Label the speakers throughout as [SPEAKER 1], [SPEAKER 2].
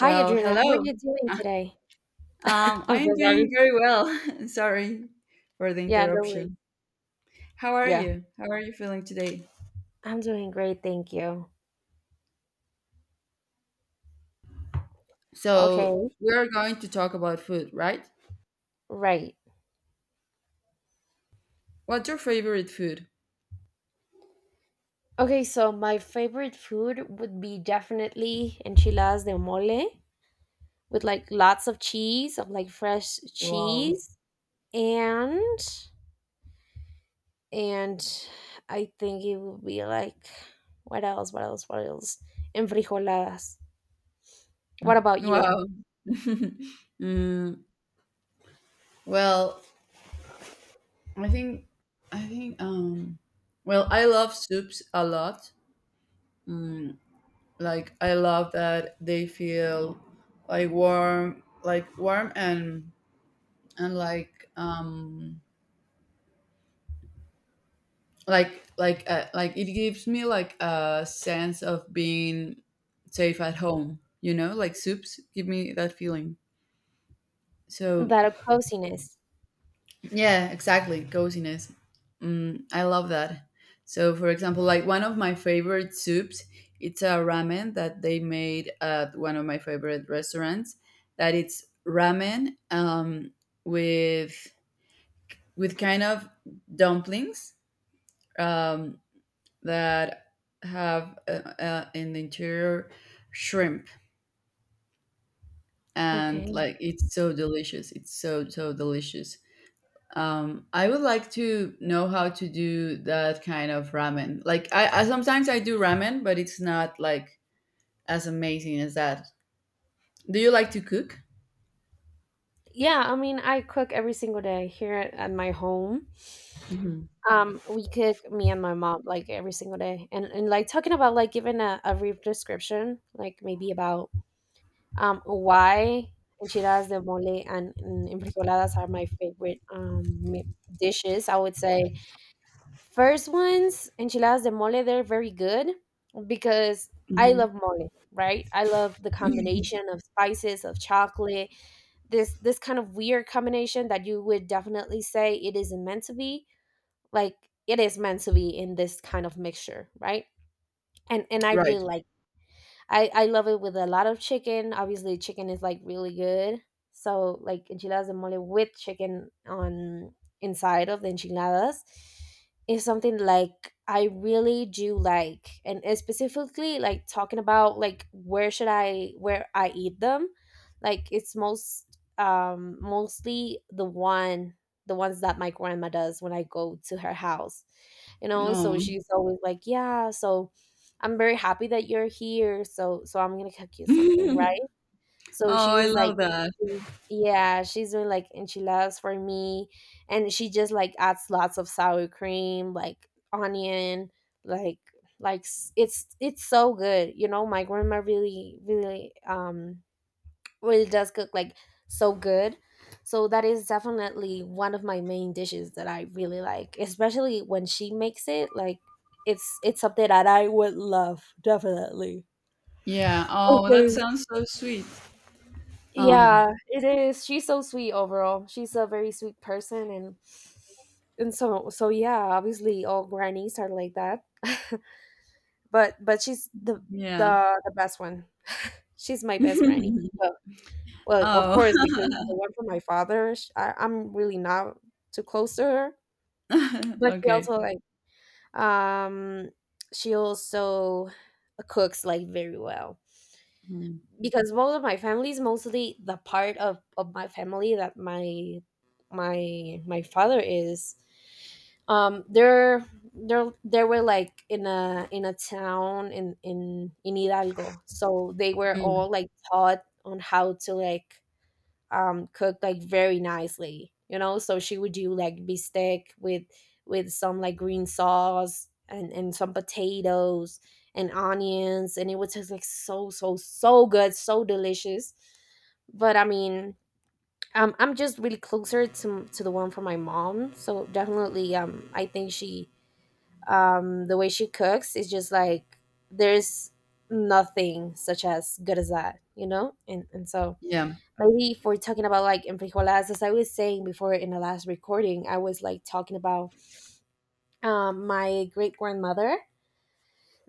[SPEAKER 1] Hi, Adriana. How are
[SPEAKER 2] hello.
[SPEAKER 1] you doing
[SPEAKER 2] Ah,
[SPEAKER 1] today? I'm
[SPEAKER 2] I'm
[SPEAKER 1] so sorry.
[SPEAKER 2] doing very well. Sorry for the
[SPEAKER 1] Yeah, no worries.
[SPEAKER 2] interruption. How are
[SPEAKER 1] Yeah,
[SPEAKER 2] you? How are you feeling today?
[SPEAKER 1] I'm doing great. Thank you.
[SPEAKER 2] So,
[SPEAKER 1] Okay,
[SPEAKER 2] we're going to talk about food, right?
[SPEAKER 1] right.
[SPEAKER 2] What's your favorite food?
[SPEAKER 1] Okay, so my favorite food would be definitely enchiladas de mole with like lots of cheese, of like fresh
[SPEAKER 2] Wow.
[SPEAKER 1] cheese, and and I think it would be like what else? What else? What else? Enfrijoladas. What about you?
[SPEAKER 2] Wow. Mm, well, I think I think well, I love soups a lot. Mm, like I love that they feel like warm and it gives me like a sense of being safe at home, you know, like soups give me that feeling, so
[SPEAKER 1] That of coziness.
[SPEAKER 2] yeah, exactly, coziness. I love that. So, for example, like one of my favorite soups, it's a ramen that they made at one of my favorite restaurants, that it's ramen, with with kind of dumplings um, that have in the interior shrimp, and
[SPEAKER 1] Okay.
[SPEAKER 2] like it's so delicious, it's so so delicious. I would like to know how to do that kind of ramen. Like I sometimes I do ramen, but it's not like as amazing as that. Do you like to cook?
[SPEAKER 1] Yeah, I mean, I cook every single day here at my home.
[SPEAKER 2] Mhm.
[SPEAKER 1] We cook me and my mom like every single day, and like talking about like giving a brief description, like maybe about why enchiladas de mole and frijoladas are my favorite dishes. I would say first ones, enchiladas de mole, they're very good because I
[SPEAKER 2] Mhm.
[SPEAKER 1] love mole, right? I love the combination of spices of chocolate, this kind of weird combination that you would definitely say it isn't meant to be, like it is meant to be in this kind of mixture, right? And I
[SPEAKER 2] Right.
[SPEAKER 1] really like I love it with a lot of chicken. Obviously, chicken is like really good. So like enchiladas de mole with chicken on inside of the enchiladas is something like I really do like, and specifically like talking about like where I eat them, like it's mostly the ones that my grandma does when I go to her house, you know. So
[SPEAKER 2] No.
[SPEAKER 1] she's always like, yeah, so I'm very happy that you're here, so I'm gonna cook you something,
[SPEAKER 2] Oh,
[SPEAKER 1] right? So she
[SPEAKER 2] I
[SPEAKER 1] was like,
[SPEAKER 2] love that.
[SPEAKER 1] yeah, she's doing like enchiladas for me, and she just like adds lots of sour cream, like onion, like it's so good. You know, my grandma really really does cook like so good. So that is definitely one of my main dishes that I really like, especially when she makes it. Like it's something that I would love definitely.
[SPEAKER 2] Yeah, oh, that
[SPEAKER 1] Okay.
[SPEAKER 2] sounds so sweet.
[SPEAKER 1] Yeah,
[SPEAKER 2] um
[SPEAKER 1] it is. She's so sweet overall. She's a very sweet person, and so yeah, obviously all grannies are like that. But she's the
[SPEAKER 2] yeah.
[SPEAKER 1] the the best one. She's my best granny. So, well, of
[SPEAKER 2] Oh.
[SPEAKER 1] course, because the one from my father, sh I I'm really not too close to her, but she
[SPEAKER 2] Okay.
[SPEAKER 1] also like, um she also cooks like very well.
[SPEAKER 2] Mm.
[SPEAKER 1] Because both of my families, mostly the part of my family that my father is, um, they're they were like in a town in Hidalgo, so they were
[SPEAKER 2] Mm.
[SPEAKER 1] all like taught on how to like cooked like very nicely, you know. So she would do like bistec with some like green sauce, and some potatoes and onions, and it was just like so good, so delicious. But I mean, I'm just really closer to the one from my mom, so definitely I think she the way she cooks is just like there's nothing such as good as that, you know. And so
[SPEAKER 2] Yeah,
[SPEAKER 1] maybe if we're talking about like in frijolas, as I was saying before in the last recording, I was like talking about my great grandmother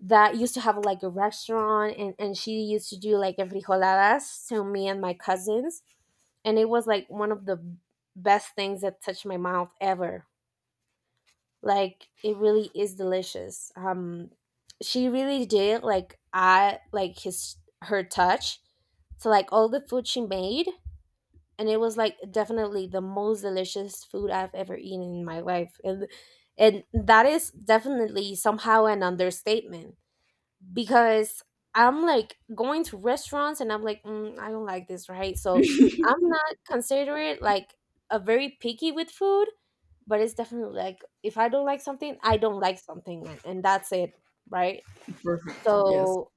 [SPEAKER 1] that used to have like a restaurant, and she used to do like enfrijoladas to me and my cousins. And it was like one of the best things that touched my mouth ever. Like it really is delicious. She really did, like, I like his her touch to like all the food she made, and it was like definitely the most delicious food I've ever eaten in my life. And that is definitely somehow an understatement, because I'm like going to restaurants and I'm like, mm, I don't like this, right? So I'm not considerate like a very picky with food, but it's definitely like if I don't like something, I don't like something, and that's it, right?
[SPEAKER 2] perfect. Yes.
[SPEAKER 1] So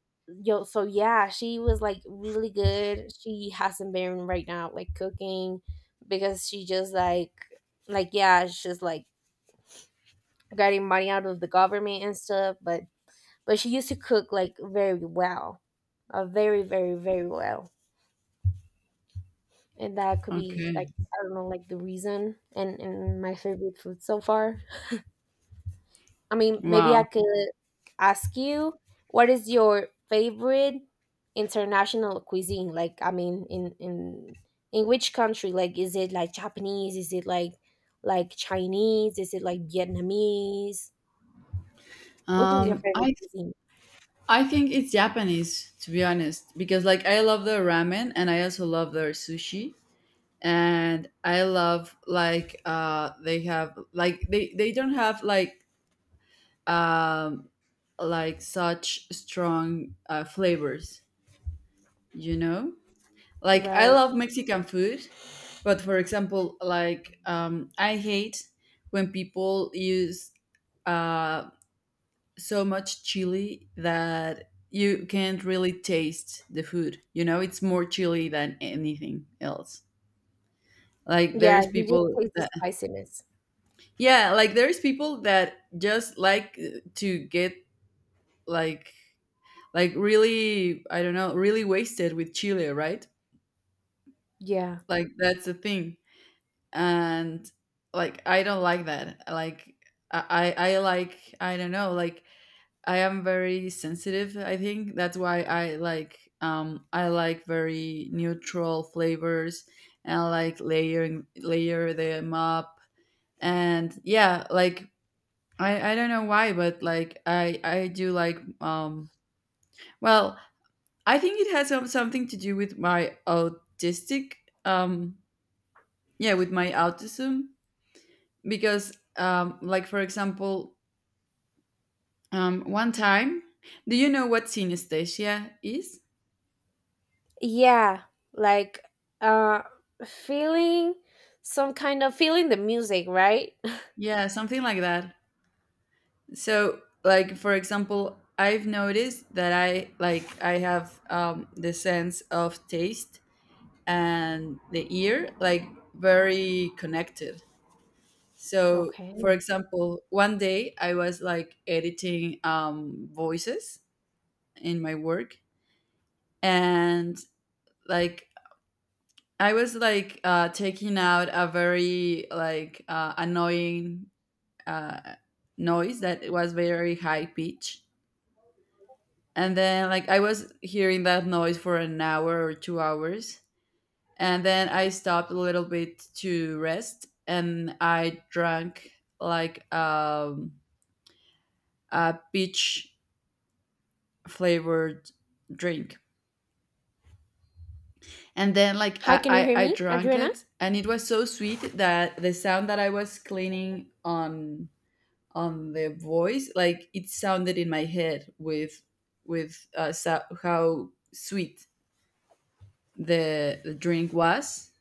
[SPEAKER 1] so yeah, she was like really good. She hasn't been right now like cooking because she just yeah, she's like getting money out of the government and stuff, but she used to cook like very well. Very, very, very well. And that could be
[SPEAKER 2] Okay.
[SPEAKER 1] like, I don't know, like the reason, and my favorite food so far. I mean, maybe I
[SPEAKER 2] Wow.
[SPEAKER 1] could ask you, what is your favorite international cuisine? Like, I mean, in which country? Like, is it like Japanese? Is it like Chinese? Is it like Vietnamese? Which is your
[SPEAKER 2] Um,
[SPEAKER 1] favorite
[SPEAKER 2] I
[SPEAKER 1] cuisine?
[SPEAKER 2] I think it's Japanese, to be honest, because like I love their ramen and I also love their sushi, and I love like they have like they don't have um like such strong flavors, you know? Like I
[SPEAKER 1] Right.
[SPEAKER 2] love Mexican food, but for example, like I hate when people use uh, so much chili that you can't really taste the food. You know, it's more chili than anything else. Like
[SPEAKER 1] Yeah,
[SPEAKER 2] there's
[SPEAKER 1] you just
[SPEAKER 2] people
[SPEAKER 1] taste the
[SPEAKER 2] that,
[SPEAKER 1] spiciness.
[SPEAKER 2] yeah, like there's people that just like to get like like really, I don't know, really wasted with chili, right?
[SPEAKER 1] Yeah.
[SPEAKER 2] Like that's the thing. And like I don't like that. Like I like, I don't know, like I am very sensitive, I think. That's why I like, I like very neutral flavors, and I like layer them up. And yeah, like I don't know why, but like I do like, well, I think it has something to do with my autistic um yeah, with my autism, because like, for example, one time, do you know what synesthesia is?
[SPEAKER 1] Yeah, like uh feeling some kind of feeling the music, right?
[SPEAKER 2] Yeah, something like that. So, like, for example, I've noticed that I like I have, the sense of taste and the ear like very connected. So, for
[SPEAKER 1] Okay.
[SPEAKER 2] example, 1 day I was like editing voices in my work, and like I was like taking out a very like annoying uh, noise that was very high pitch, and then like I was hearing that noise for an hour or 2 hours, and then I stopped a little bit to rest, and I drank like a peach flavored drink, and then like
[SPEAKER 1] Hi, can you
[SPEAKER 2] I,
[SPEAKER 1] hear
[SPEAKER 2] I i
[SPEAKER 1] me,
[SPEAKER 2] drank
[SPEAKER 1] Adriana?
[SPEAKER 2] it, and it was so sweet that the sound that I was cleaning on the voice, like it sounded in my head with how sweet the drink was.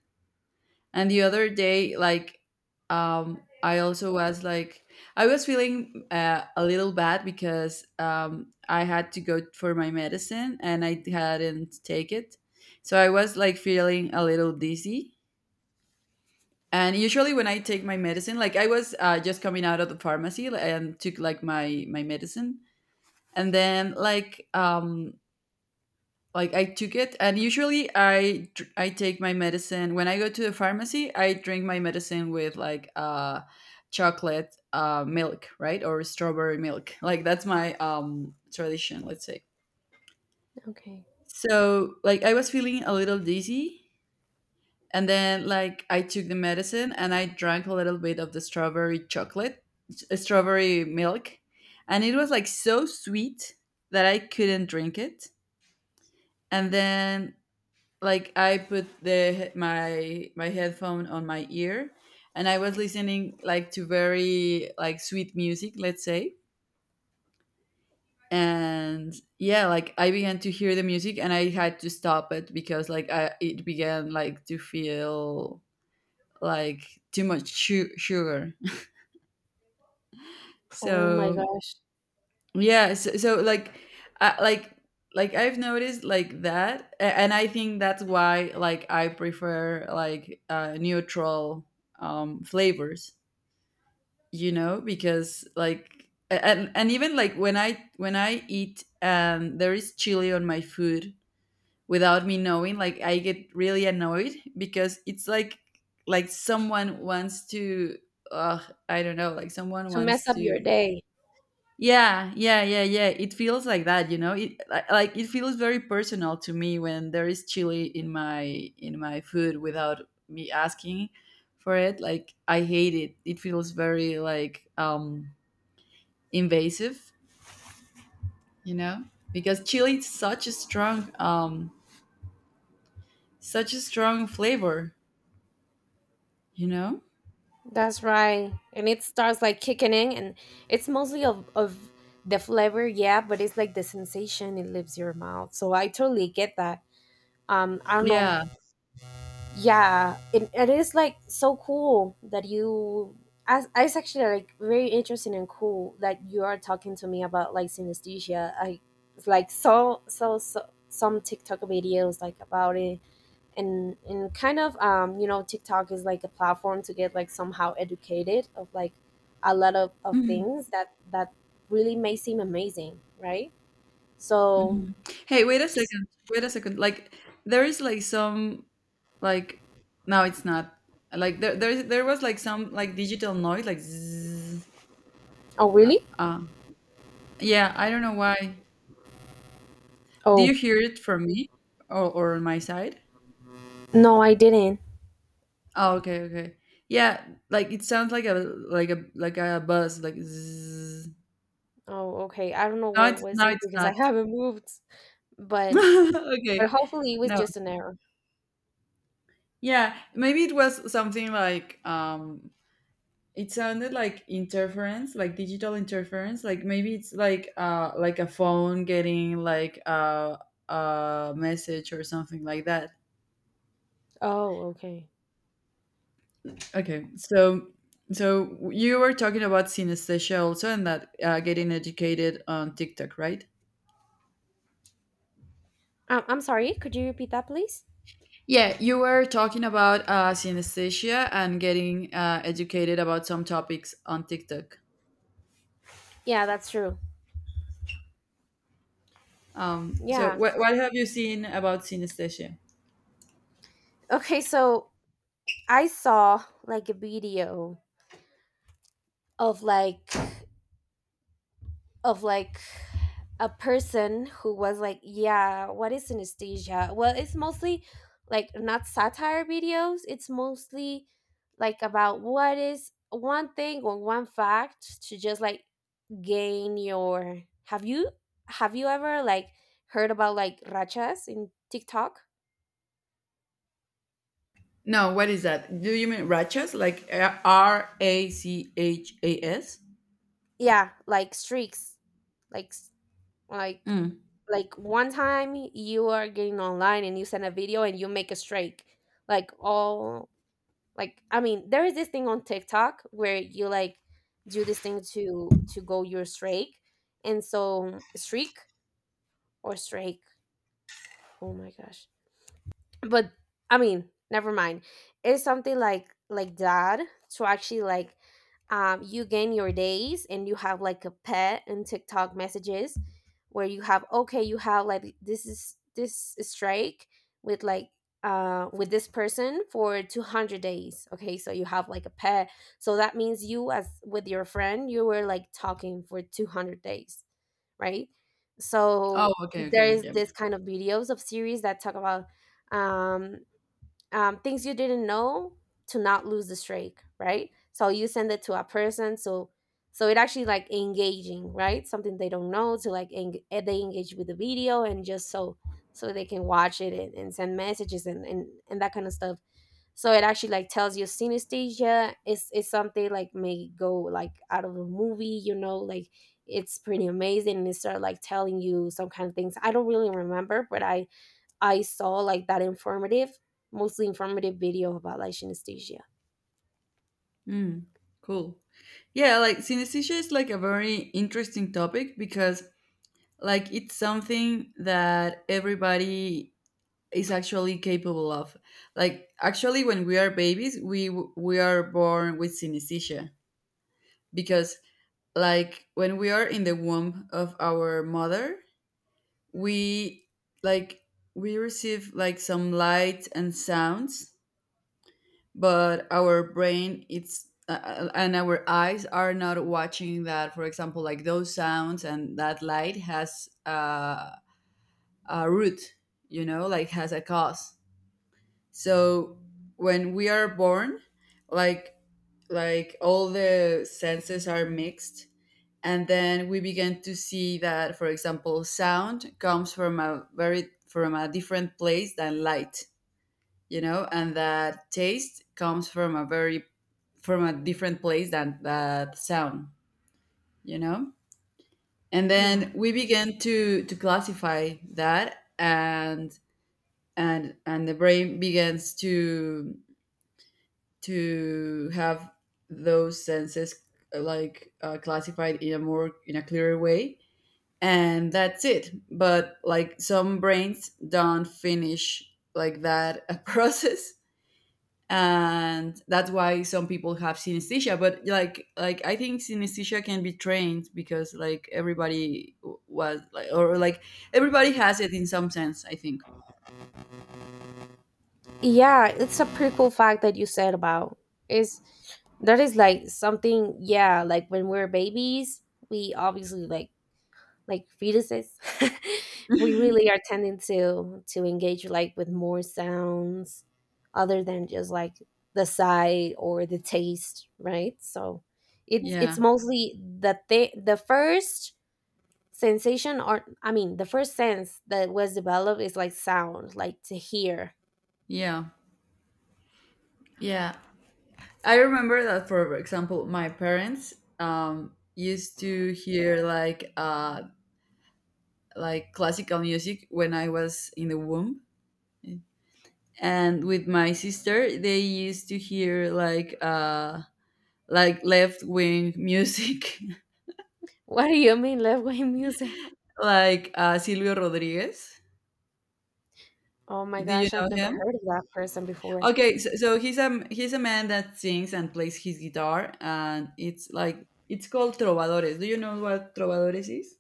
[SPEAKER 2] And the other day, like, I also was like, I was feeling a little bad because I had to go for my medicine and I hadn't take it. So I was like feeling a little dizzy. And usually when I take my medicine, like I was just coming out of the pharmacy, and took like my medicine, and then like I took it, and usually I I take my medicine when I go to the pharmacy. I drink my medicine with like chocolate milk, right, or strawberry milk. Like that's my, tradition, let's say.
[SPEAKER 1] Okay.
[SPEAKER 2] So like I was feeling a little dizzy, and then like I took the medicine and I drank a little bit of the strawberry chocolate, strawberry milk, and it was like so sweet that I couldn't drink it. And then like I put the my my headphone on my ear, and I was listening like to very like sweet music, let's say. And yeah, like I began to hear the music and I had to stop it because like I it began like to feel like too much sugar.
[SPEAKER 1] Oh my
[SPEAKER 2] So
[SPEAKER 1] gosh.
[SPEAKER 2] yeah, so, so like I like I've noticed like that, and I think that's why like I prefer like neutral flavors, you know, because like, and even like when I when I eat and there is chili on my food without me knowing, like I get really annoyed because it's like someone wants to uh I don't know, like someone
[SPEAKER 1] To mess
[SPEAKER 2] wants
[SPEAKER 1] up
[SPEAKER 2] to,
[SPEAKER 1] your day.
[SPEAKER 2] yeah, yeah, yeah, yeah. It feels like that, you know. It like it feels very personal to me when there is chili in my food without me asking for it. Like I hate it. It feels very like, invasive, you know? Because chili is such a strong flavor, you know?
[SPEAKER 1] That's right. And it starts like kicking in, and it's mostly of the flavor, yeah, but it's like the sensation it leaves your mouth. So I totally get that. I don't know.
[SPEAKER 2] Yeah.
[SPEAKER 1] Yeah, it is like so cool that it's actually like very interesting and cool that you are talking to me about like synesthesia. I like some TikTok videos like about it, and kind of TikTok is like a platform to get like somehow educated of like a lot of
[SPEAKER 2] Mhm,
[SPEAKER 1] things that really may seem amazing, right? So
[SPEAKER 2] mhm. Hey, wait a second. Wait a second. Like there is like some, like now it's not. Like there was like some like digital noise, like zzz.
[SPEAKER 1] oh really?
[SPEAKER 2] Uh, yeah, I don't know why. Do
[SPEAKER 1] Oh,
[SPEAKER 2] you hear it from me or on my side?
[SPEAKER 1] no, I didn't.
[SPEAKER 2] Oh, okay, okay. Yeah, like it sounds like a like a like a buzz, like zzz.
[SPEAKER 1] Oh, okay, I don't know
[SPEAKER 2] No,
[SPEAKER 1] what
[SPEAKER 2] it's
[SPEAKER 1] was
[SPEAKER 2] no,
[SPEAKER 1] it
[SPEAKER 2] it's
[SPEAKER 1] because I
[SPEAKER 2] not.
[SPEAKER 1] haven't moved, but
[SPEAKER 2] Okay.
[SPEAKER 1] hopefully it was
[SPEAKER 2] No.
[SPEAKER 1] just an error.
[SPEAKER 2] Yeah, maybe it was something like, it sounded like interference, like digital interference, like maybe it's like a phone getting like a message or something like that.
[SPEAKER 1] Oh, okay.
[SPEAKER 2] Okay, so so you were talking about synesthesia also, and that getting educated on TikTok, right?
[SPEAKER 1] I'm sorry. Could you repeat that, please?
[SPEAKER 2] Yeah, you were talking about synesthesia and getting educated about some topics on TikTok.
[SPEAKER 1] Yeah, that's true.
[SPEAKER 2] So
[SPEAKER 1] Yeah.
[SPEAKER 2] what have you seen about synesthesia?
[SPEAKER 1] Okay, so I saw like a video of like of like a person who was like, yeah, what is synesthesia? Well, it's mostly like not satire videos. It's mostly like about what is one thing or one fact to just like gain your have you ever like heard about like rachas in TikTok?
[SPEAKER 2] No, what is that? Do you mean rachas? Like R A C H A S?
[SPEAKER 1] Yeah, like streaks. Like s- like
[SPEAKER 2] Mm.
[SPEAKER 1] like one time you are getting online and you send a video and you make a streak, like all, like, I mean, there is this thing on TikTok where you like do this thing to go your streak, and so streak or strike. Oh my gosh. But I mean, never mind, it's something like that, to actually like, you gain your days and you have like a pet and TikTok messages where you have like, this is this strike with like, with this person for 200 days, okay, so you have like a pet. So that means you as with your friend you were like talking for 200 days, right?
[SPEAKER 2] Oh,
[SPEAKER 1] So
[SPEAKER 2] okay,
[SPEAKER 1] there
[SPEAKER 2] okay,
[SPEAKER 1] is
[SPEAKER 2] yeah.
[SPEAKER 1] this kind of videos of series that talk about um things you didn't know, to not lose the streak, right? So you send it to a person, so it actually like engaging, right? Something they don't know to like they engage with the video and just, so they can watch it, and send messages, and that kind of stuff. So it actually like tells you synesthesia is something like may go like out of a movie, you know, like it's pretty amazing, and it started like telling you some kind of things. I don't really remember, but I saw like that informative, mostly informative video about like synesthesia.
[SPEAKER 2] Mm. Cool. Yeah, like synesthesia is like a very interesting topic because like it's something that everybody is actually capable of. Like actually, when we are babies, we we are born with synesthesia, because like when we are in the womb of our mother, we like we receive like some light and sounds, but our brain it's and our eyes are not watching that. For example, like those sounds and that light has a root, you know, like has a cause. So when we are born, like like all the senses are mixed, and then we began to see that, for example, sound comes from a very from a different place than light, you know, and that taste comes from a very from a different place than that sound, you know. And
[SPEAKER 1] Yeah.
[SPEAKER 2] then we began to classify that, and the brain begins to have those senses like classified in a more in a clearer way, and that's it. But like some brains don't finish like that, a process, and that's why some people have synesthesia, but like I think synesthesia can be trained because like everybody was like, or like everybody has it in some sense, I think.
[SPEAKER 1] Yeah, it's a pretty cool fact that you said about, is that is like something. Yeah, like when we're babies, we obviously like fetuses. We really are tending to engage like with more sounds other than just like the sight or the taste, right? So it's
[SPEAKER 2] Yeah.
[SPEAKER 1] mostly the first sensation, or I mean, the first sense that was developed is like sound, like to hear.
[SPEAKER 2] Yeah, yeah, I remember that, for example, my parents used to hear like classical music when I was in the womb, and with my sister they used to hear like left wing music.
[SPEAKER 1] What do you mean, left wing music?
[SPEAKER 2] Like Silvio Rodriguez.
[SPEAKER 1] Oh my
[SPEAKER 2] Do you
[SPEAKER 1] gosh, I've
[SPEAKER 2] know
[SPEAKER 1] never
[SPEAKER 2] him?
[SPEAKER 1] heard of that person before.
[SPEAKER 2] Okay, so he's a man that sings and plays his guitar, and it's like it's called trovadores. Do you know what trovadores is?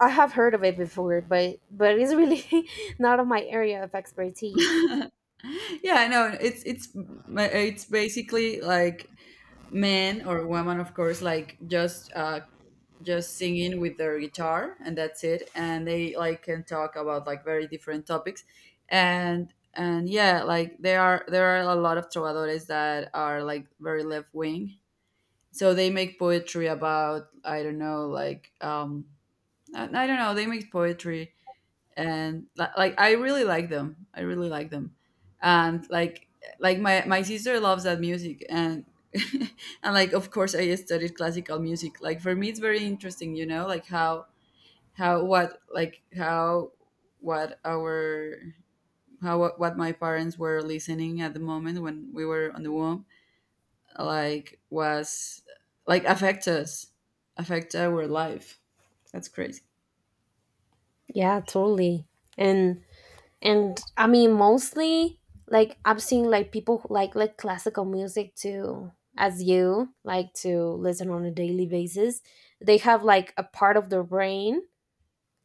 [SPEAKER 1] I have heard of it before, but it's really, not of my area of expertise.
[SPEAKER 2] Yeah, no, it's it's basically like men or women, of course, like just singing with their guitar, and that's it. And they like can talk about like very different topics. And yeah, like there are a lot of trovadores that are like very left wing, so they make poetry about, I don't know, like, I don't know, they make poetry, and like I really like them. I really like them, and like my sister loves that music, and and like, of course, I studied classical music. Like for me, it's very interesting, you know, like how what like how what our how what my parents were listening at the moment when we were on the womb, like was like affect us, affect our life. That's crazy.
[SPEAKER 1] Yeah, totally. And and I mean, mostly like I've seen like people who like classical music too, as you like to listen on a daily basis, they have like a part of their brain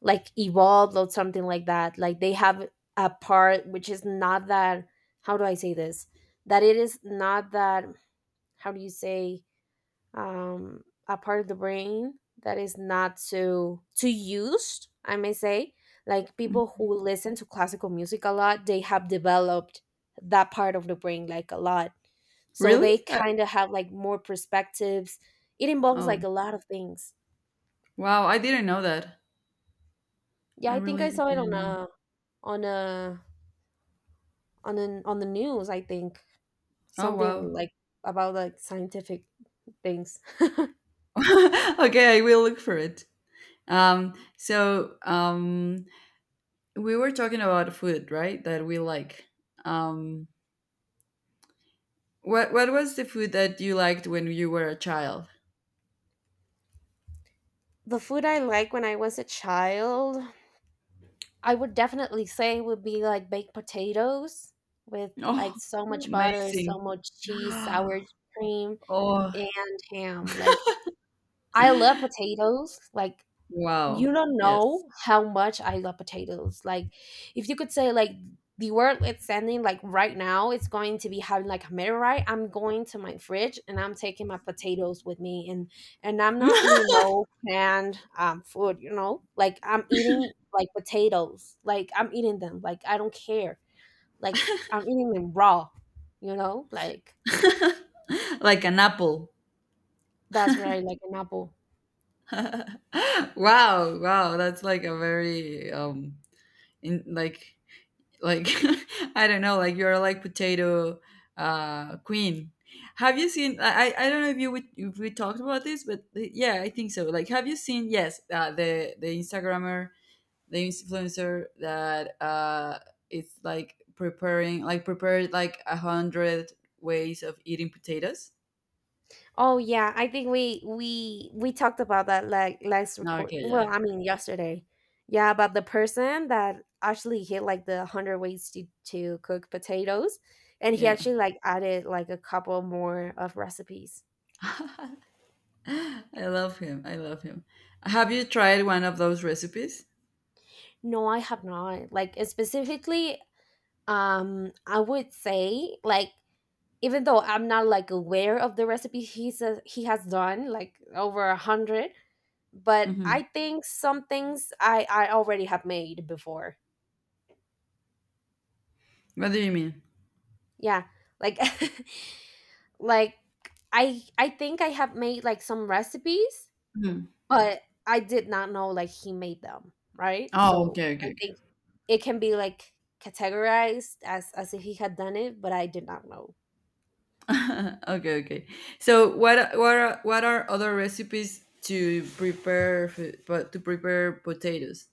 [SPEAKER 1] like evolved or something like that, like they have a part which is not that, how do I say this, that it is not that, how do you say, a part of the brain that is not so too used, I may say. Like people who listen to classical music a lot, they have developed that part of the brain like a lot, so
[SPEAKER 2] Really?
[SPEAKER 1] they kind of have like more perspectives, it involves
[SPEAKER 2] Oh,
[SPEAKER 1] like a lot of things.
[SPEAKER 2] wow! I didn't know that.
[SPEAKER 1] Yeah,
[SPEAKER 2] I
[SPEAKER 1] I think I
[SPEAKER 2] really
[SPEAKER 1] saw it on
[SPEAKER 2] didn't know.
[SPEAKER 1] on a on the news, I think,
[SPEAKER 2] Oh,
[SPEAKER 1] something
[SPEAKER 2] wow.
[SPEAKER 1] like about like scientific things.
[SPEAKER 2] Okay, I will look for it. So we were talking about food, right? That we like. Um, what was the food that you liked when you were a child?
[SPEAKER 1] The food I like when I was a child, I would definitely say would be like baked potatoes with
[SPEAKER 2] Oh,
[SPEAKER 1] like so much butter, so
[SPEAKER 2] amazing.
[SPEAKER 1] much cheese, sour cream,
[SPEAKER 2] Oh,
[SPEAKER 1] and ham. Like I love potatoes. Like you
[SPEAKER 2] wow.
[SPEAKER 1] don't
[SPEAKER 2] Yes.
[SPEAKER 1] know how much I love potatoes. Like, if you could say like the world it's sending like right now, it's going to be having like a meteorite. I'm going to my fridge and I'm taking my potatoes with me, and I'm not eating no canned food. You know, like I'm eating like potatoes. Like I'm eating them. Like I don't care. Like I'm eating them raw. You know, like
[SPEAKER 2] like an apple.
[SPEAKER 1] that's where I like an apple.
[SPEAKER 2] Wow, wow. That's like a very in like I don't know, like you're like potato queen. Have you seen— I don't know if if we talked about this, but yeah, I think so. Like, have you seen, yes, the Instagrammer, the influencer that it's like preparing like prepared like 100 ways of eating potatoes.
[SPEAKER 1] Oh yeah, I think we talked about that like last
[SPEAKER 2] No,
[SPEAKER 1] record.
[SPEAKER 2] okay,
[SPEAKER 1] Well,
[SPEAKER 2] yeah.
[SPEAKER 1] I mean yesterday. Yeah, about the person that actually hit like the hundred ways to cook potatoes, and he
[SPEAKER 2] Yeah,
[SPEAKER 1] actually like added like a couple more of recipes.
[SPEAKER 2] I love him, I love him. Have you tried one of those recipes?
[SPEAKER 1] No, I have not. Like specifically, I would say like even though I'm not like aware of the recipe he says he has done like over a hundred, but
[SPEAKER 2] Hmm,
[SPEAKER 1] I think some things I already have made before.
[SPEAKER 2] what do you mean?
[SPEAKER 1] Yeah. Like like I think I have made like some recipes,
[SPEAKER 2] Mhm.
[SPEAKER 1] but I did not know like he made them, right?
[SPEAKER 2] Oh,
[SPEAKER 1] So
[SPEAKER 2] okay,
[SPEAKER 1] I
[SPEAKER 2] okay.
[SPEAKER 1] think it can be like categorized as if he had done it, but I did not know.
[SPEAKER 2] Okay, okay. So what are other recipes to to prepare potatoes?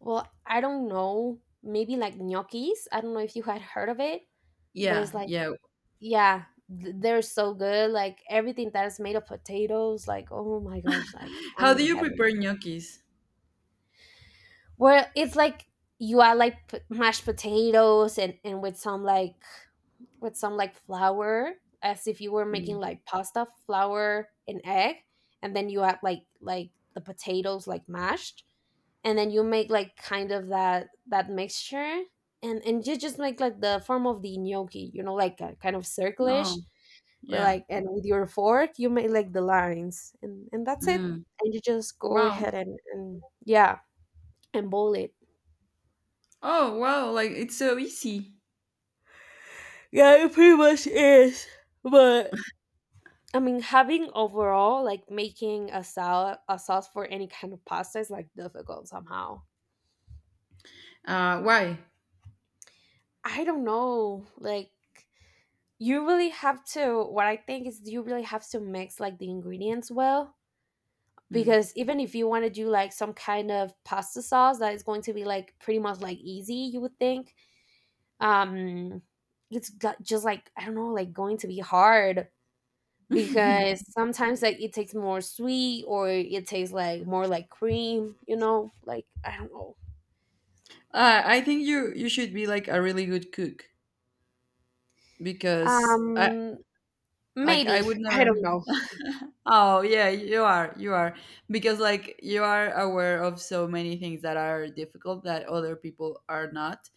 [SPEAKER 1] Well, I don't know. Maybe like gnocchis. I don't know if you had heard of it, but
[SPEAKER 2] Yeah,
[SPEAKER 1] it's like
[SPEAKER 2] yeah.
[SPEAKER 1] yeah, they're so good. Like everything that is made of potatoes, like oh my gosh, like I'm
[SPEAKER 2] How do
[SPEAKER 1] in
[SPEAKER 2] you
[SPEAKER 1] heaven.
[SPEAKER 2] prepare gnocchis?
[SPEAKER 1] Where it's like you add like mashed potatoes and with some like flour as if you were making
[SPEAKER 2] Mm.
[SPEAKER 1] like pasta flour and egg and then you add like the potatoes like mashed and then you make like kind of that mixture and you just make like the form of the gnocchi, you know, like a kind of circlish
[SPEAKER 2] Oh,
[SPEAKER 1] with
[SPEAKER 2] yeah.
[SPEAKER 1] like and with your fork you make like the lines and that's it
[SPEAKER 2] Mm.
[SPEAKER 1] and you just go ahead
[SPEAKER 2] Wow.
[SPEAKER 1] and yeah and boil it.
[SPEAKER 2] Oh, wow. Like it's so easy.
[SPEAKER 1] Yeah, it pretty much is. But I mean, having overall like making a salad, a sauce for any kind of pasta is like difficult somehow.
[SPEAKER 2] Why?
[SPEAKER 1] I don't know. Like you really have to. What I think is you really have to mix like the ingredients well
[SPEAKER 2] Mm.
[SPEAKER 1] because even if you want to do like some kind of pasta sauce that is going to be like pretty much like easy, you would think. Um, it's just like I don't know, like going to be hard
[SPEAKER 2] uh,
[SPEAKER 1] because sometimes like it tastes more sweet or it tastes like more like cream, you know, like I don't know.
[SPEAKER 2] I think you should be like a really good cook, because I—
[SPEAKER 1] um
[SPEAKER 2] like I
[SPEAKER 1] Maybe.
[SPEAKER 2] would
[SPEAKER 1] I
[SPEAKER 2] never.
[SPEAKER 1] don't know.
[SPEAKER 2] Oh, yeah, you are. You are, because like you are aware of so many things that are difficult that other people are not.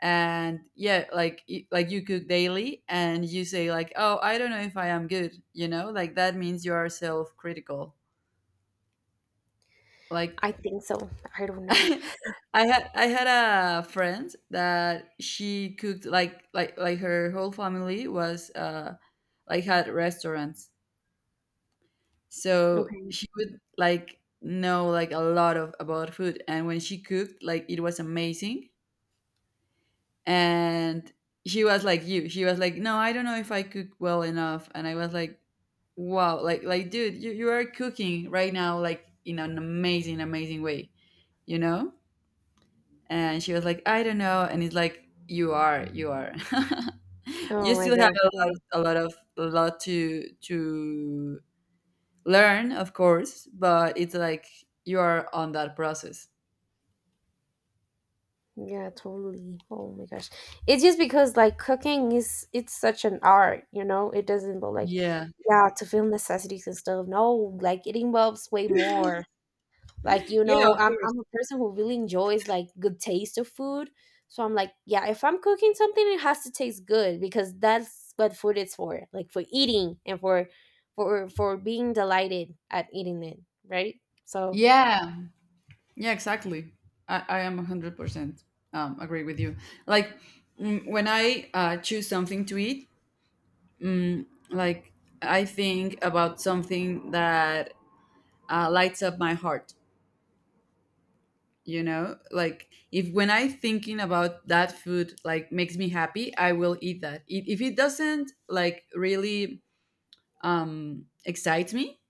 [SPEAKER 2] And yeah, like like you cook daily and you say like, "Oh, I don't know if I am good." You know? Like that means you are self-critical. Like,
[SPEAKER 1] I think so. I don't know.
[SPEAKER 2] I I had a friend that she cooked, like like her whole family was like had restaurants, so
[SPEAKER 1] Okay.
[SPEAKER 2] she would like know like a lot of about food. And when she cooked, like, it was amazing. And she was like— you she was like, no, I don't know if I cook well enough. And I was like, wow, like, dude, you are cooking right now like in an amazing, amazing way, you know. And she was like, I don't know. And it's like, you are, you are,
[SPEAKER 1] Oh
[SPEAKER 2] you
[SPEAKER 1] my
[SPEAKER 2] still have
[SPEAKER 1] gosh. Yeah,
[SPEAKER 2] a lot of a lot to learn, of course. But it's like you are on that process.
[SPEAKER 1] yeah, totally. Oh my gosh, it's just because like cooking is it's such an art, you know, it doesn't but like
[SPEAKER 2] Yeah,
[SPEAKER 1] yeah, to feel necessities and stuff, no, like it involves way more, like you
[SPEAKER 2] yeah,
[SPEAKER 1] know
[SPEAKER 2] of
[SPEAKER 1] I'm,
[SPEAKER 2] course.
[SPEAKER 1] I'm a person who really enjoys like good taste of food. So I'm like, yeah, if I'm cooking something it has to taste good because that's what food is for, like for eating and for for being delighted at eating it, right? So
[SPEAKER 2] Yeah, yeah, exactly. I am 100% agree with you, like when I choose something to eat, like, I think about something that lights up my heart. You know, like if— when I thinking about that food like makes me happy, I will eat that. If it doesn't like really excites me.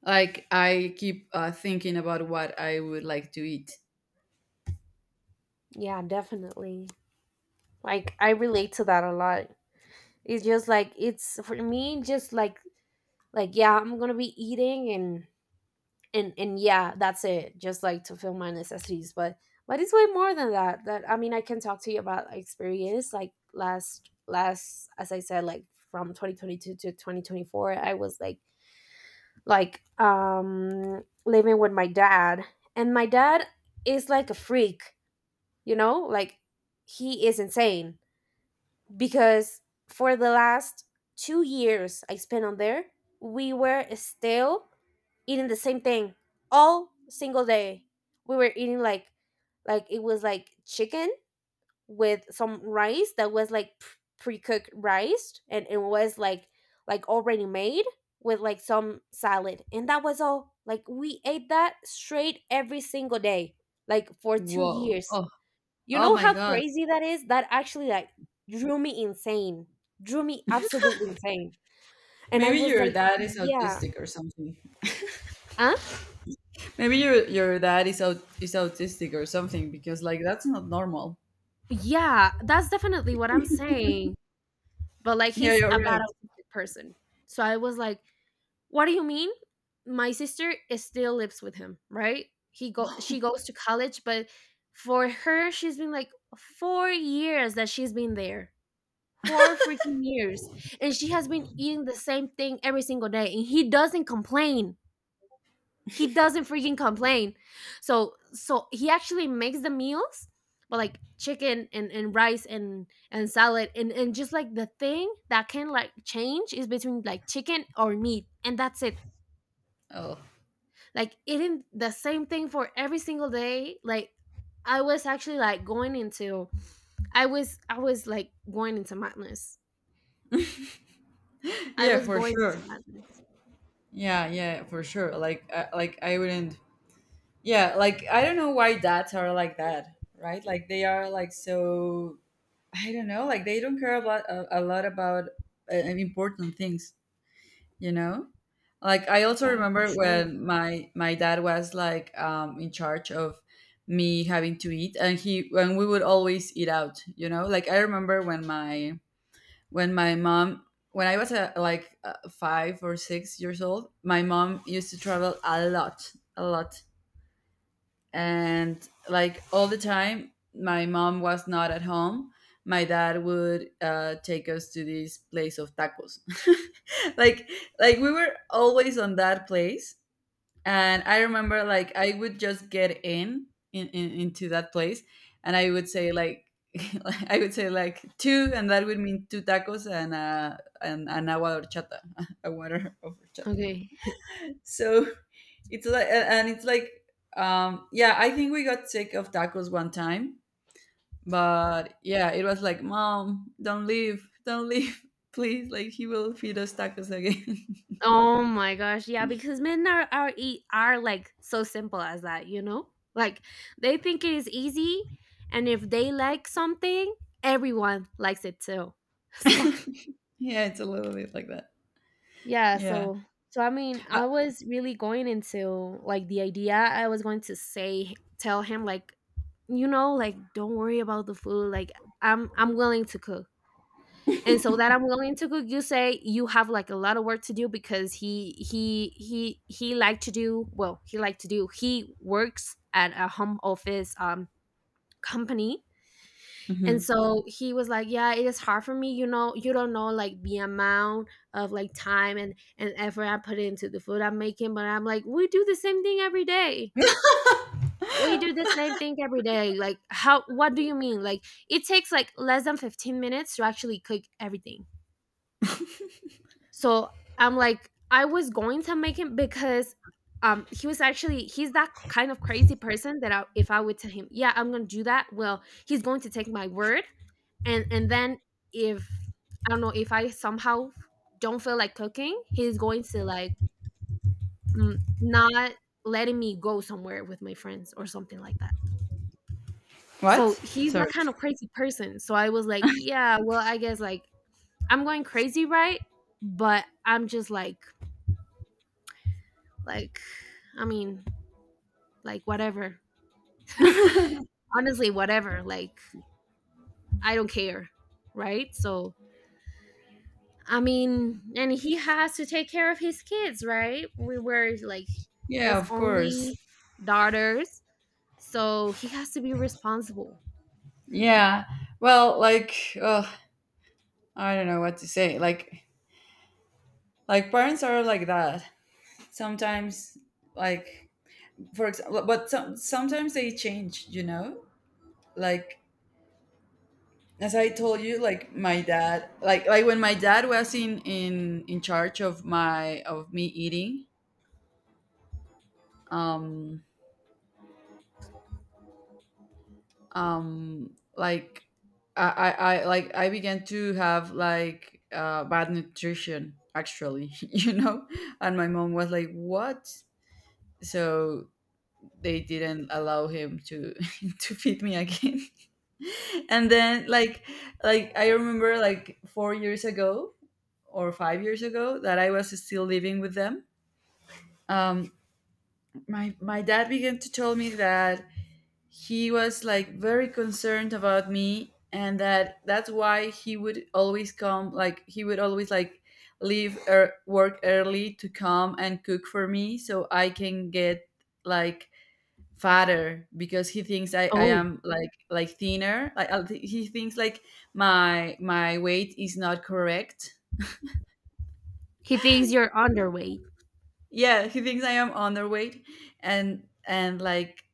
[SPEAKER 2] Like, I keep thinking about what I would like to eat.
[SPEAKER 1] yeah, definitely, like I relate to that a lot. It's just like it's for me just like yeah I'm gonna be eating and and yeah that's it, just like to fill my necessities, but it's way more than that. I mean, I can talk to you about experience like last as I said, like from 2022 to 2024 I was like living with my dad. And my dad is like a freak, you know, like he is insane because for the last 2 years I spent on there we were still eating the same thing all single day. We were eating like it was like chicken with some rice that was like pre cooked rice, and it was like already made with like some salad, and that was all. Like we ate that straight every single day, like for two
[SPEAKER 2] Whoa!
[SPEAKER 1] years.
[SPEAKER 2] Oh,
[SPEAKER 1] You
[SPEAKER 2] oh
[SPEAKER 1] know
[SPEAKER 2] my
[SPEAKER 1] how
[SPEAKER 2] God!
[SPEAKER 1] crazy that is? That actually like drew me insane, drew me absolutely insane, and I
[SPEAKER 2] Maybe
[SPEAKER 1] was
[SPEAKER 2] your
[SPEAKER 1] like,
[SPEAKER 2] dad is
[SPEAKER 1] yeah,
[SPEAKER 2] autistic or something.
[SPEAKER 1] huh?
[SPEAKER 2] Maybe your dad is out is autistic or something, because like that's not normal.
[SPEAKER 1] Yeah, that's definitely what I'm saying. But like
[SPEAKER 2] Yeah,
[SPEAKER 1] he's
[SPEAKER 2] you're
[SPEAKER 1] a
[SPEAKER 2] right.
[SPEAKER 1] bad autistic person. So I was like, what do you mean? My sister is still lives with him, right? He go She goes to college, but for her, she's been like 4 years that she's been there. Four freaking years. And she has been eating the same thing every single day. And he doesn't complain, he doesn't freaking complain. So so he actually makes the meals but like chicken and rice and salad and just like the thing that can like change is between like chicken or meat, and that's it.
[SPEAKER 2] Oh,
[SPEAKER 1] Like eating the same thing for every single day, like I was actually like going into I was like going into madness, I
[SPEAKER 2] yeah,
[SPEAKER 1] was
[SPEAKER 2] for
[SPEAKER 1] going
[SPEAKER 2] sure.
[SPEAKER 1] into madness.
[SPEAKER 2] Yeah, yeah, for sure. Like I wouldn't. Yeah, like I don't know why dads are like that, right? Like they are like so. I don't know. Like they don't care about a lot about important things. You know, like I also
[SPEAKER 1] Yeah, for
[SPEAKER 2] remember
[SPEAKER 1] sure.
[SPEAKER 2] when my dad was like in charge of me having to eat. And he when we would always eat out, you know. Like I remember when my mom— when I was like 5 or 6 years old, my mom used to travel a lot, a lot. And like all the time my mom was not at home, my dad would take us to this place of tacos. Like, we were always on that place. And I remember like I would just get in into that place, and I would say like, I would say like, two, and that would mean two tacos. And and an agua de horchata, a water of horchata.
[SPEAKER 1] Okay.
[SPEAKER 2] So, it's like, yeah, I think we got sick of tacos one time. But yeah, it was like, mom, don't leave, don't leave, please, like, he will feed us tacos again.
[SPEAKER 1] Oh my gosh, yeah, because men are are like so simple as that, you know? Like they think it is easy, and if they like something, everyone likes it too. So,
[SPEAKER 2] Yeah, it's a little bit like that.
[SPEAKER 1] yeah,
[SPEAKER 2] Yeah.
[SPEAKER 1] so so I mean,
[SPEAKER 2] uh,
[SPEAKER 1] I was really going into like the idea I was going to say tell him like, you know, like don't worry about the food, like I'm willing to cook and so that I'm willing to cook, you say you have like a lot of work to do because he like to do, well, he like to do, he works at a home office company. And
[SPEAKER 2] mhm.
[SPEAKER 1] so he was like, yeah, it is hard for me, you know, you don't know like the amount of like time and effort I put into the food I'm making. But I'm like, we do the same thing every day, we do the same thing every day, like how, what do you mean, like it takes like less than 15 minutes to actually cook everything. So I'm like, I was going to make him because he was actually he's that kind of crazy person that I, if I would tell him, yeah, I'm gonna do that, well, he's going to take my word, and then if I don't know if I somehow don't feel like cooking, he's going to like not letting me go somewhere with my friends or something like that.
[SPEAKER 2] What?
[SPEAKER 1] So he's that
[SPEAKER 2] Sorry.
[SPEAKER 1] kind of crazy person. So I was like, yeah, well, I guess like I'm going crazy, right? But I'm just like, I mean, like, whatever. Honestly, whatever. Like, I don't care. Right. So, I mean, and he has to take care of his kids, right? We were like
[SPEAKER 2] Yeah,
[SPEAKER 1] his
[SPEAKER 2] of course.
[SPEAKER 1] only daughters. So he has to be responsible.
[SPEAKER 2] Yeah. Well, like, oh, I don't know what to say, like— Like, parents are like that sometimes, like, for example. But sometimes they change, you know. Like, as I told you, like my dad, like— when my dad was in charge of my of me eating, um like I began to have like bad nutrition, actually. You know. And my mom was like, what? So they didn't allow him to to feed me again. And then, like, I remember like 4 years ago, or 5 years ago, that I was still living with them. um my dad began to tell me that he was like very concerned about me, and that's why he would always come, like he would always like leave work early to come and cook for me so I can get like fatter, because he thinks I
[SPEAKER 1] Oh,
[SPEAKER 2] am like thinner. Like, I— he thinks like my weight is not correct.
[SPEAKER 1] he thinks you're underweight.
[SPEAKER 2] Yeah, he thinks I am underweight, and like,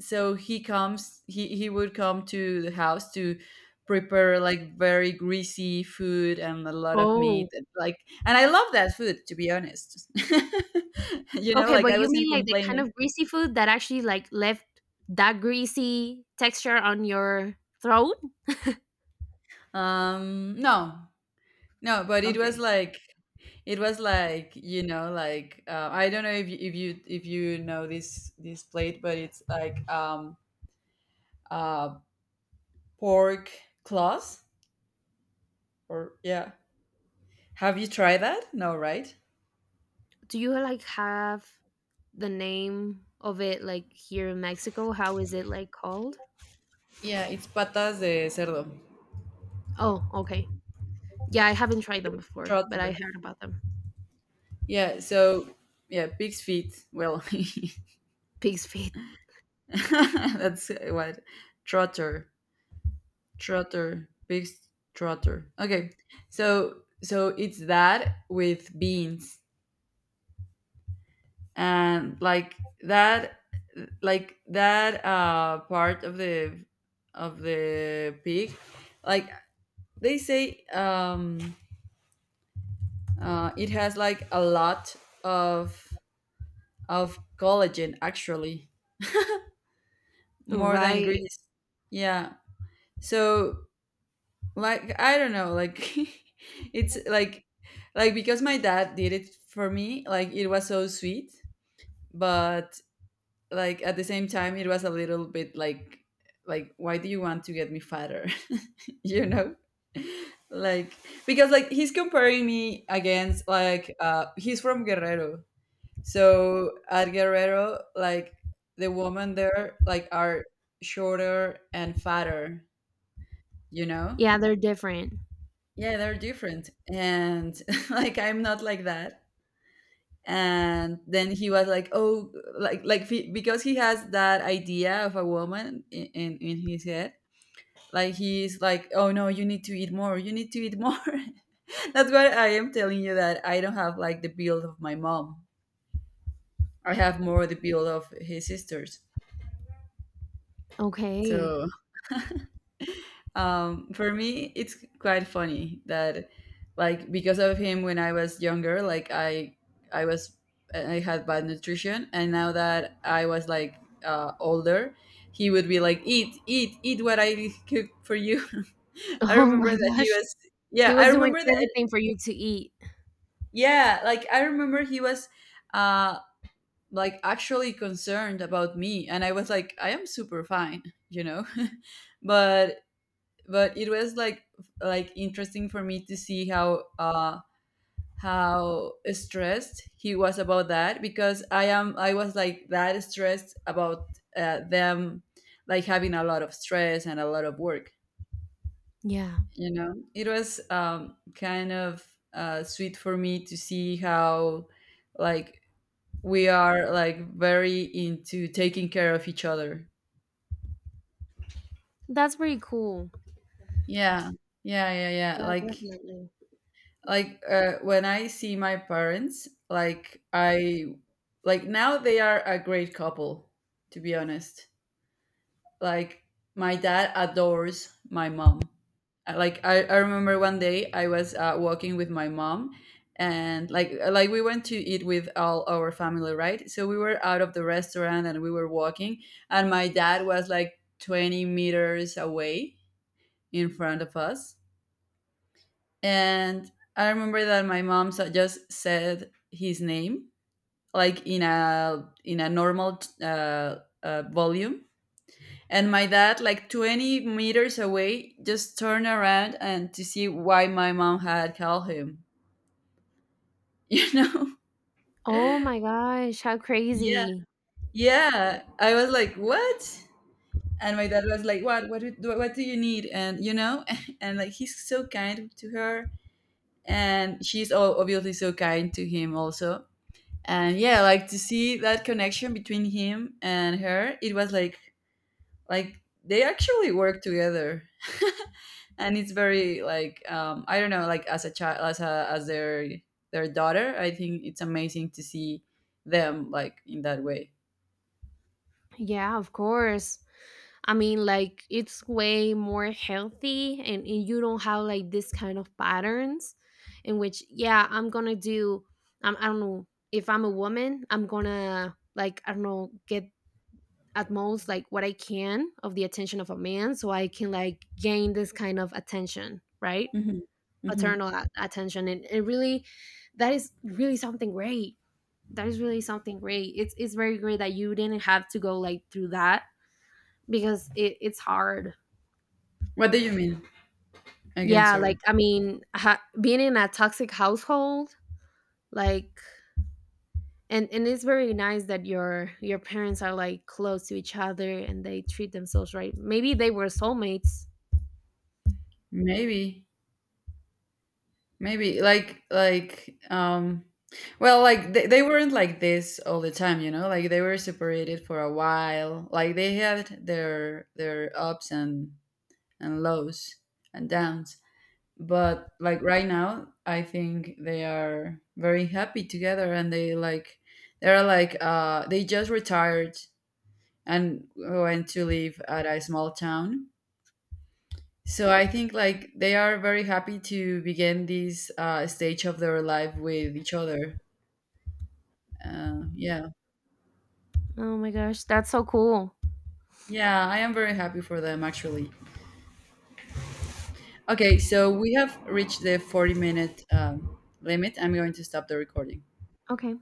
[SPEAKER 2] so he comes he would come to the house to prepare like very greasy food and a lot of
[SPEAKER 1] Oh,
[SPEAKER 2] meat, and like— And I love that food, to be honest. You know,
[SPEAKER 1] okay.
[SPEAKER 2] like
[SPEAKER 1] But
[SPEAKER 2] I
[SPEAKER 1] you
[SPEAKER 2] wasn't
[SPEAKER 1] mean like the kind
[SPEAKER 2] complaining.
[SPEAKER 1] of greasy food that actually like left that greasy texture on your throat?
[SPEAKER 2] No. No, but it was
[SPEAKER 1] Okay.
[SPEAKER 2] like— It was like, you know, like I don't know if you, if you if you know this plate, but it's like uh pork claws, or, yeah. Have you tried that? No, right?
[SPEAKER 1] Do you like have the name of it like here in Mexico? How is it like called?
[SPEAKER 2] Yeah, it's patas de cerdo,
[SPEAKER 1] Oh, okay. Yeah, I haven't tried them before, but I
[SPEAKER 2] trotter.
[SPEAKER 1] heard about them.
[SPEAKER 2] Yeah, so yeah, pig's feet. Well,
[SPEAKER 1] Pig's feet.
[SPEAKER 2] that's what— trotter, trotter, pig's trotter. Okay, so it's that with beans, and like that— like that part of the pig. Like, they say it has like a lot of of collagen, actually, more than
[SPEAKER 1] Right.
[SPEAKER 2] grease. Yeah. So, like, I don't know, like, it's like, because my dad did it for me, like it was so sweet. But, like, at the same time it was a little bit like— why do you want to get me fatter? You know. Like, because, like, he's comparing me against— like he's from Guerrero. So at Guerrero, like the women there, like, are shorter and fatter, you know.
[SPEAKER 1] Yeah, they're different.
[SPEAKER 2] Yeah, they're different. And like I'm not like that. And then he was like, oh, like, because he has that idea of a woman in his head. Like, he's like, oh, no, you need to eat more, you need to eat more. That's why I am telling you that I don't have like the build of my mom. I have more the build of his sisters.
[SPEAKER 1] Okay.
[SPEAKER 2] So, for me it's quite funny that, like, because of him, when I was younger, like i was I had bad nutrition. And now that I was like older, he would be like, eat, eat, eat what I cook for you. I
[SPEAKER 1] Oh
[SPEAKER 2] remember
[SPEAKER 1] my
[SPEAKER 2] that he
[SPEAKER 1] gosh.
[SPEAKER 2] was—
[SPEAKER 1] He
[SPEAKER 2] yeah, I
[SPEAKER 1] was doing
[SPEAKER 2] remember that.
[SPEAKER 1] everything for you to eat.
[SPEAKER 2] Yeah, like I remember he was uh like actually concerned about me. And I was like, I am super fine, you know. But, it was like, interesting for me to see how— how stressed he was about that, because I was like that stressed about them, like, having a lot of stress and a lot of work.
[SPEAKER 1] Yeah.
[SPEAKER 2] You know, it was kind of sweet for me to see how, like, we are like very into taking care of each other.
[SPEAKER 1] That's pretty cool.
[SPEAKER 2] Yeah. Yeah, yeah. Yeah,
[SPEAKER 1] Yeah,
[SPEAKER 2] like,
[SPEAKER 1] definitely.
[SPEAKER 2] when I see my parents, like I— Like, now they are a great couple, to be honest. Like, my dad adores my mom. I remember one day I was walking with my mom. And like we went to eat with all our family, right? So we were out of the restaurant and we were walking, and my dad was like 20 meters away in front of us. And I remember that my mom just said his name, like in a normal volume, and my dad, like 20 meters away, just turned around and to see why my mom had called him. You know?
[SPEAKER 1] Oh my gosh, how
[SPEAKER 2] Yeah,
[SPEAKER 1] crazy.
[SPEAKER 2] yeah. I was like, what? And my dad was like, what? What do you need? And, you know, and like he's so kind to her, and she's obviously so kind to him also. And yeah, like to see that connection between him and her, it was like— they actually work together. And it's very like— I don't know, like as a child, as their daughter, I think it's amazing to see them like in that way.
[SPEAKER 1] Yeah, of course. I mean, like it's way more healthy, and you don't have like this kind of patterns in which, yeah, I'm gonna do, I don't know, if I'm a woman, I'm gonna, like, I don't know, get at most like what I can of the attention of a man so I can like gain this kind of attention, right?
[SPEAKER 2] Hmm. Hmm.
[SPEAKER 1] Paternal attention. And, it really, that is really something great. That is really something great. It's very great that you didn't have to go like through that because it's hard.
[SPEAKER 2] What do you mean? Again,
[SPEAKER 1] Yeah,
[SPEAKER 2] sorry.
[SPEAKER 1] like I mean, being in a toxic household, like, and it's very nice that your parents are like close to each other and they treat themselves right. Maybe they were soulmates.
[SPEAKER 2] Maybe. Maybe, like, well, like they weren't like this all the time, you know? Like they were separated for a while. Like they had their ups and lows and downs. But like right now, I think they are very happy together. And they like— they just retired and went to live at a small town, so I think like they are very happy to begin this stage of their life with each other. Yeah,
[SPEAKER 1] Oh my gosh, that's so cool.
[SPEAKER 2] yeah, I am very happy for them, actually. Okay, so we have reached the 40 minute limit. I'm going to stop the recording.
[SPEAKER 1] Okay,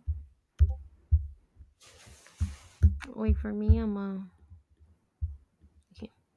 [SPEAKER 1] wait for me. I'm